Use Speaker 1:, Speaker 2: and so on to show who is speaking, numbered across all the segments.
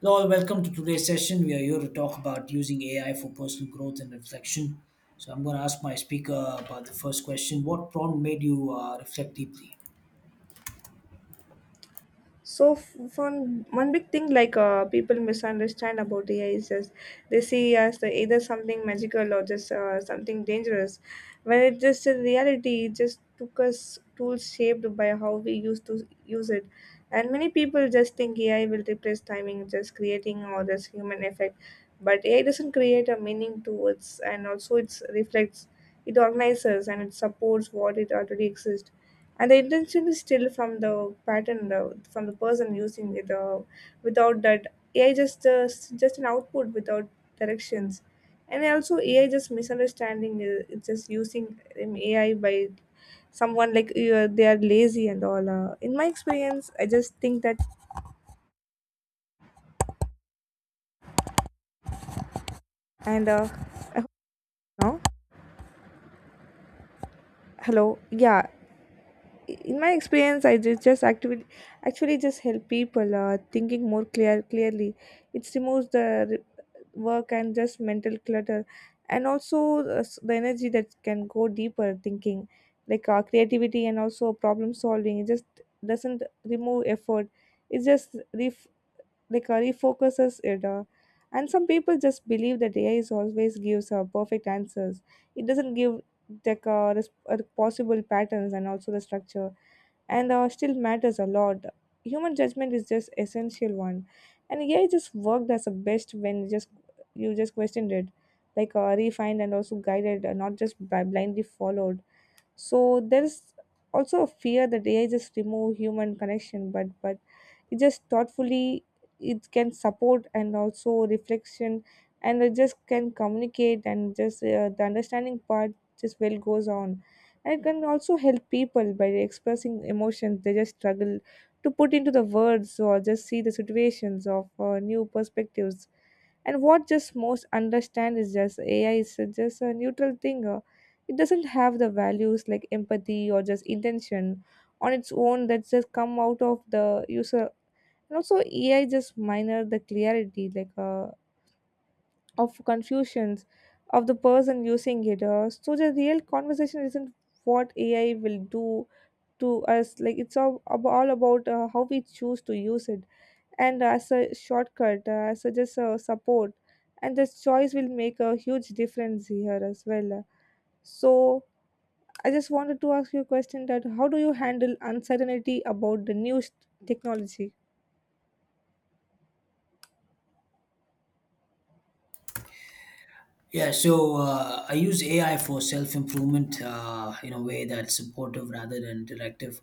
Speaker 1: Hello, welcome to today's session. We are here to talk about using AI for personal growth and reflection. So, I'm going to ask my speaker about the first question. What prompt made you reflect deeply?
Speaker 2: So one big thing like people misunderstand about AI is just they see as the, either something magical or just something dangerous, when it just in reality it just took us tools shaped by how we used to use it, and many people just think AI will replace timing, just creating all this human effect, but AI doesn't create a meaning to it, and also it reflects, it organizes and it supports what it already exists and the intention is still from the pattern from the person using it without that ai just just an output without directions and also ai just misunderstanding it's just using ai by someone like they are lazy and all in my experience I just think that and I hope now. Hello. Yeah, in my experience i just actively actually just help people thinking more clearly it removes the work and just mental clutter and also the energy that can go deeper thinking like creativity and also problem solving it just doesn't remove effort it just refocuses it and some people just believe that ai is always gives perfect answers it doesn't give like possible patterns and also the structure and still matters a lot. Human judgment is just essential one, and AI just worked as a best when you just questioned it, like refined and also guided, not just by blindly followed. So there is also a fear that AI just remove human connection, but it just thoughtfully it can support and also reflection and it just can communicate and just the understanding part just well goes on and it can also help people by expressing emotions they just struggle to put into the words or just see the situations of new perspectives and what just most understand is just ai is just a neutral thing it doesn't have the values like empathy or just intention on its own that just come out of the user and also ai just minor the clarity like of confusions of the person using it so the real conversation isn't what ai will do to us like it's all about how we choose to use it and as a shortcut as a just support and this choice will make a huge difference here as well. So I just wanted to ask you a question that how do you handle uncertainty about the new technology.
Speaker 1: Yeah, so I use AI for self improvement in a way that's supportive rather than directive.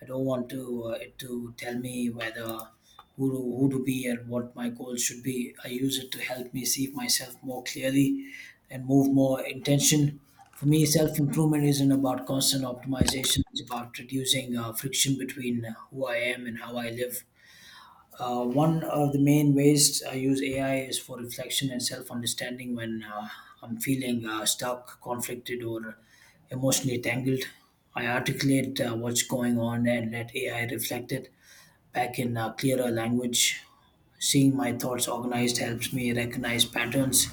Speaker 1: I don't want to it to tell me who to be and what my goals should be. I use it to help me see myself more clearly and move more intention. For me, self improvement isn't about constant optimization. It's about reducing friction between who I am and how I live. One of the main ways I use AI is for reflection and self understanding when I'm feeling stuck, conflicted, or emotionally tangled. I articulate what's going on and let AI reflect it back in clearer language. Seeing my thoughts organized helps me recognize patterns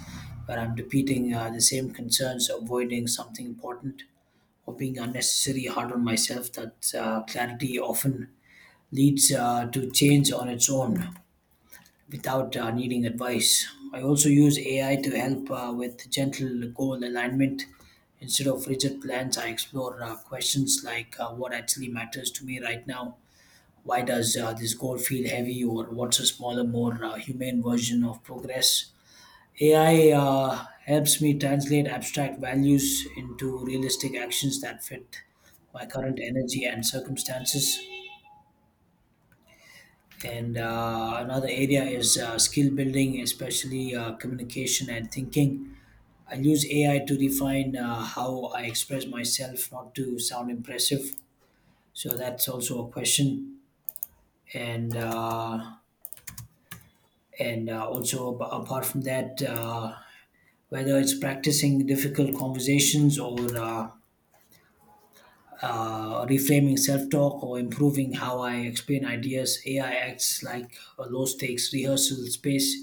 Speaker 1: where I'm repeating the same concerns, avoiding something important, or being unnecessarily hard on myself. That clarity often leads to change on its own without needing advice. I also use AI to help with gentle goal alignment. Instead of rigid plans, I explore questions like what actually matters to me right now? Why does this goal feel heavy? Or what's a smaller, more humane version of progress? AI helps me translate abstract values into realistic actions that fit my current energy and circumstances. And another area is skill building, especially communication and thinking. I use AI to refine how I express myself, not to sound impressive. So that's also a question. And uh, and also apart from that, whether it's practicing difficult conversations or reframing self-talk or improving how I explain ideas. AI acts like a low-stakes rehearsal space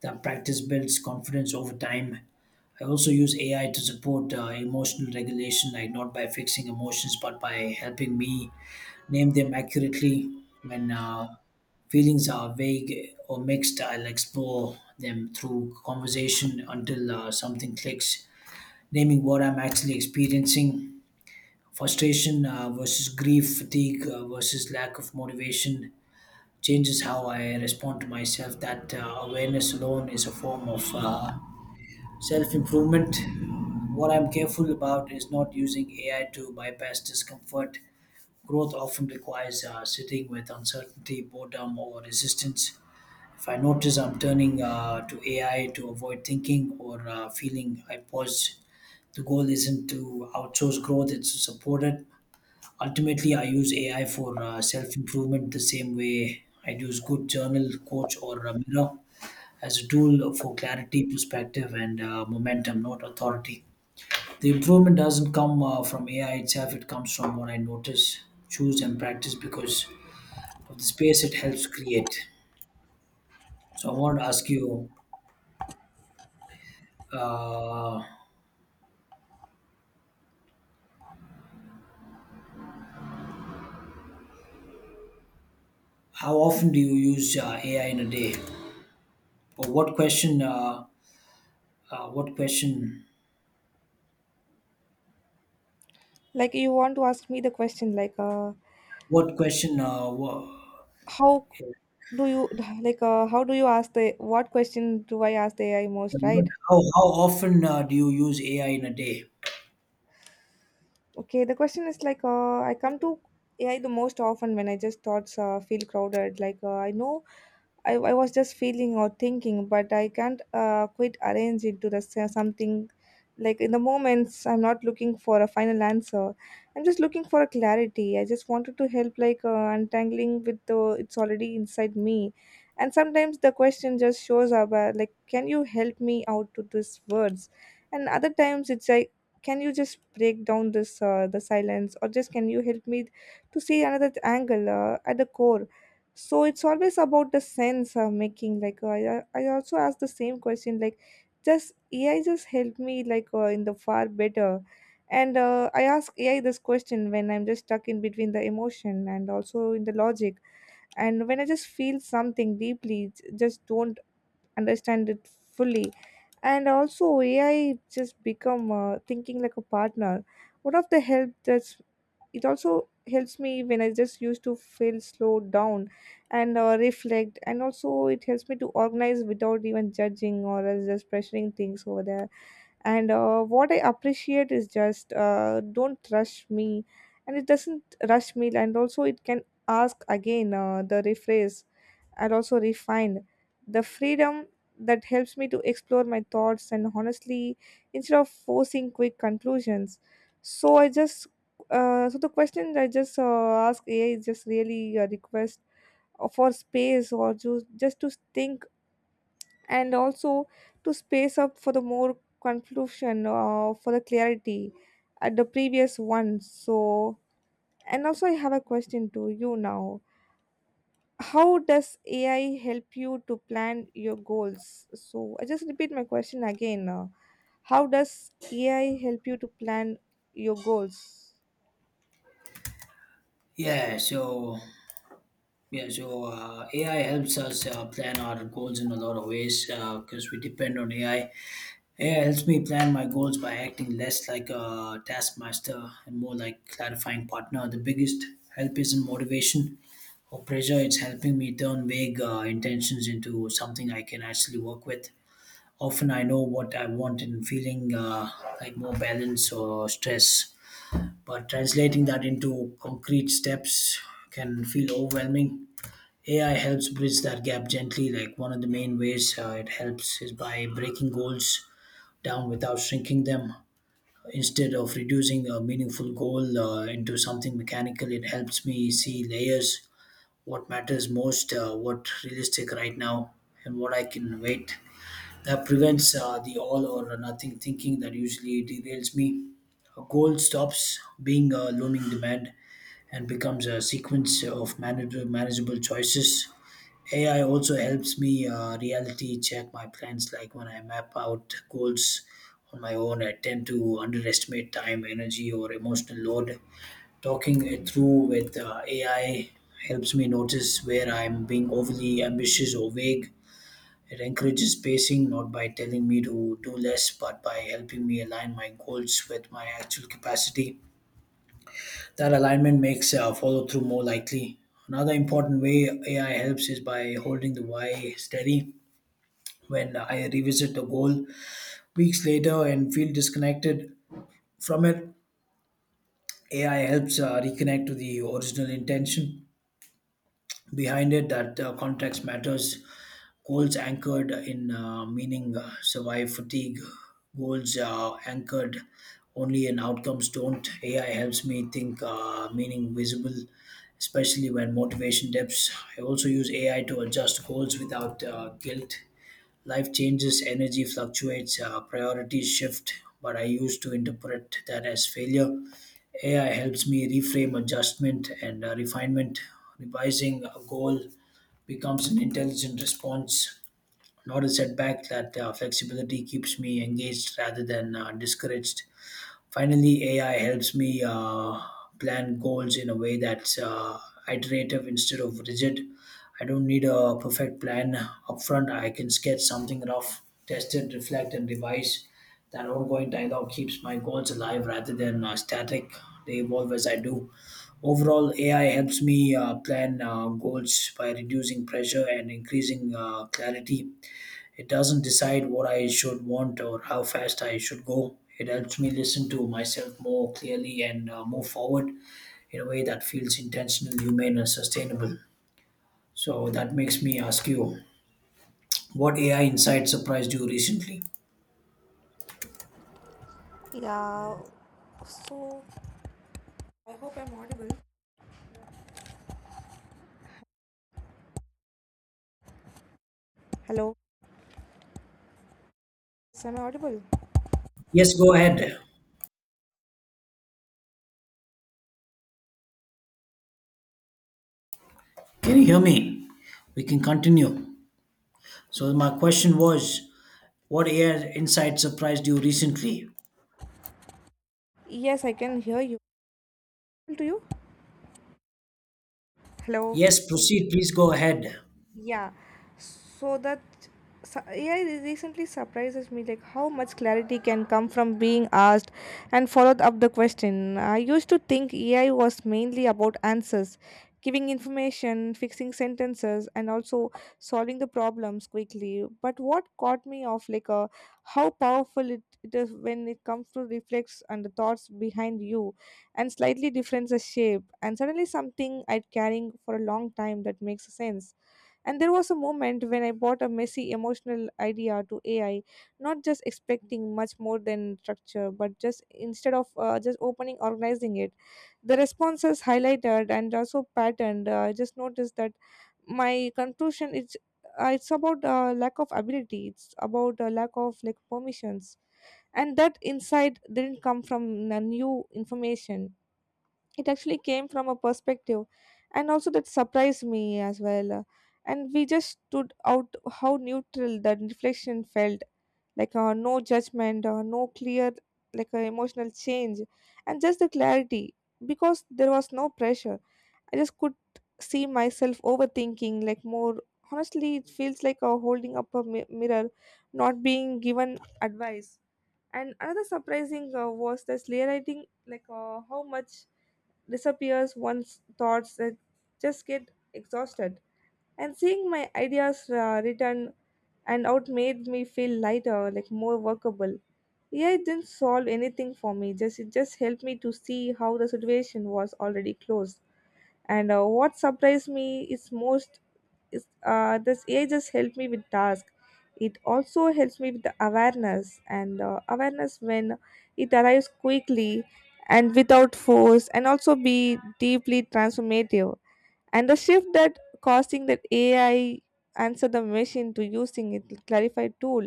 Speaker 1: that practice builds confidence over time. I also use AI to support emotional regulation, like not by fixing emotions, but by helping me name them accurately. When feelings are vague or mixed, I'll explore them through conversation until something clicks. Naming what I'm actually experiencing, frustration versus grief, fatigue versus lack of motivation, changes how I respond to myself. That awareness alone is a form of self improvement. What I'm careful about is not using AI to bypass discomfort. Growth often requires sitting with uncertainty, boredom, or resistance. If I notice I'm turning to AI to avoid thinking or feeling, I pause. The goal isn't to outsource growth, it's to support it. Ultimately, I use AI for self improvement the same way I'd use good journal, coach, or a mirror as a tool for clarity, perspective, and momentum, not authority. The improvement doesn't come from AI itself, it comes from what I notice, choose, and practice because of the space it helps create. So, I want to ask you, uh, how often do you use AI in a day? Or what question? What question?
Speaker 2: Like you want to ask me the question like
Speaker 1: What question?
Speaker 2: how do you like how do you ask the what question do I ask the ai most,
Speaker 1: But
Speaker 2: right?
Speaker 1: how often do you use AI in a day?
Speaker 2: Okay, the question is like I come to ai the most often when I just thoughts feel crowded like I know I was just feeling or thinking, but I can't quite arrange into the something like in the moments I'm not looking for a final answer. I'm just looking for a clarity. I just wanted to help like untangling with the it's already inside me. And sometimes the question just shows up like can you help me out to these words? And other times it's like can you just break down this the silence or just can you help me to see another angle at the core so it's always about the sense I making like I also ask the same question like just ai just help me like in the far better and I ask ai this question when I'm just stuck in between the emotion and also in the logic and when I just feel something deeply just don't understand it fully and also ai just become thinking like a partner one of the help that's it also helps me when I just used to feel slow down and reflect and also it helps me to organize without even judging or else just pressuring things over there and what I appreciate is just don't rush me and it doesn't rush me and also it can ask again the rephrase and also refined. The freedom that helps me to explore my thoughts and honestly instead of forcing quick conclusions. So I just so the question I just ask AI is just really a request for space or just to think and also to space up for the more conclusion for the clarity at the previous one. So and also I have a question to you now, how does AI help you to plan your goals? So I just repeat my question again. How does AI help you to plan your goals?
Speaker 1: Yeah, so yeah, so AI helps us plan our goals in a lot of ways because we depend on AI. AI helps me plan my goals by acting less like a taskmaster and more like clarifying partner. The biggest help isn't motivation or pressure; it's helping me turn vague intentions into something I can actually work with. Often, I know what I want and feeling like more balance or stress, but translating that into concrete steps can feel overwhelming. AI helps bridge that gap gently. Like one of the main ways it helps is by breaking goals down without shrinking them. Instead of reducing a meaningful goal into something mechanical, it helps me see layers: what matters most, what realistic right now, and what I can wait. That prevents the all or nothing thinking that usually derails me. A goal stops being a looming demand and becomes a sequence of manageable choices. AI also helps me reality check my plans, like when I map out goals on my own, I tend to underestimate time, energy, or emotional load. Talking it through with AI helps me notice where I'm being overly ambitious or vague. It encourages pacing, not by telling me to do less, but by helping me align my goals with my actual capacity. That alignment makes follow through more likely. Another important way AI helps is by holding the why steady. When I revisit the goal weeks later and feel disconnected from it, AI helps reconnect to the original intention behind it. That context matters. Goals anchored in meaning survive fatigue. Goals anchored only in outcomes don't. AI helps me think meaning visible, especially when motivation dips. I also use AI to adjust goals without guilt. Life changes, energy fluctuates, priorities shift, but I used to interpret that as failure. AI helps me reframe adjustment and refinement. Revising a goal becomes an intelligent response, not a setback. That flexibility keeps me engaged rather than discouraged. Finally, AI helps me plan goals in a way that's iterative instead of rigid. I don't need a perfect plan upfront. I can sketch something rough, test it, reflect, and revise. That ongoing dialogue keeps my goals alive rather than static. They evolve as I do. Overall, AI helps me plan goals by reducing pressure and increasing clarity. It doesn't decide what I should want or how fast I should go. It helps me listen to myself more clearly and move forward in a way that feels intentional, humane, and sustainable. So that makes me ask you, what AI insight surprised you recently?
Speaker 2: Yeah, so I hope I'm audible. Hello, is am I audible?
Speaker 1: Yes, go ahead. Can you hear me? We can continue. So, my question was, what AI insight surprised you recently?
Speaker 2: Yes, I can hear you. To you? Hello.
Speaker 1: Yes, proceed. Please go ahead.
Speaker 2: Yeah, so that AI recently surprises me like how much clarity can come from being asked and followed up the question. I used to think AI was mainly about answers, giving information, fixing sentences, and also solving the problems quickly. But what caught me off like how powerful it is when it comes to reflex and the thoughts behind you and slightly different the shape and suddenly something I'd carrying for a long time that makes sense and there was a moment when I bought a messy emotional idea to AI, not just expecting much more than structure, but just instead of just opening, organizing it. The responses highlighted and also patterned. I just noticed that my conclusion is it's about lack of ability. It's about lack of like permissions, and that insight didn't come from new information, it actually came from a perspective and also that surprised me as well. And we just stood out how neutral that reflection felt like no judgment or no clear like emotional change and just the clarity because there was no pressure I just could see myself overthinking like more honestly it feels like holding up a mirror, not being given advice. And another surprising was this realizing like how much disappears one's thoughts that just get exhausted. And seeing my ideas written and out made me feel lighter, like more workable. Yeah, it didn't solve anything for me. Just it just helped me to see how the situation was already closed and what surprised me is most is this AI just helped me with task. It also helps me with the awareness and awareness when it arrives quickly and without force and also be deeply transformative and the shift that causing that ai answer the machine to using it clarified tool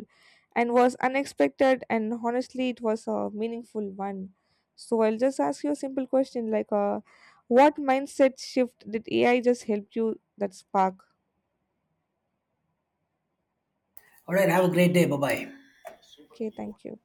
Speaker 2: and was unexpected and honestly it was a meaningful one. So I'll just ask you a simple question like what mindset shift did ai just help you that spark.
Speaker 1: All right, have a great day. Bye bye.
Speaker 2: Okay, thank you.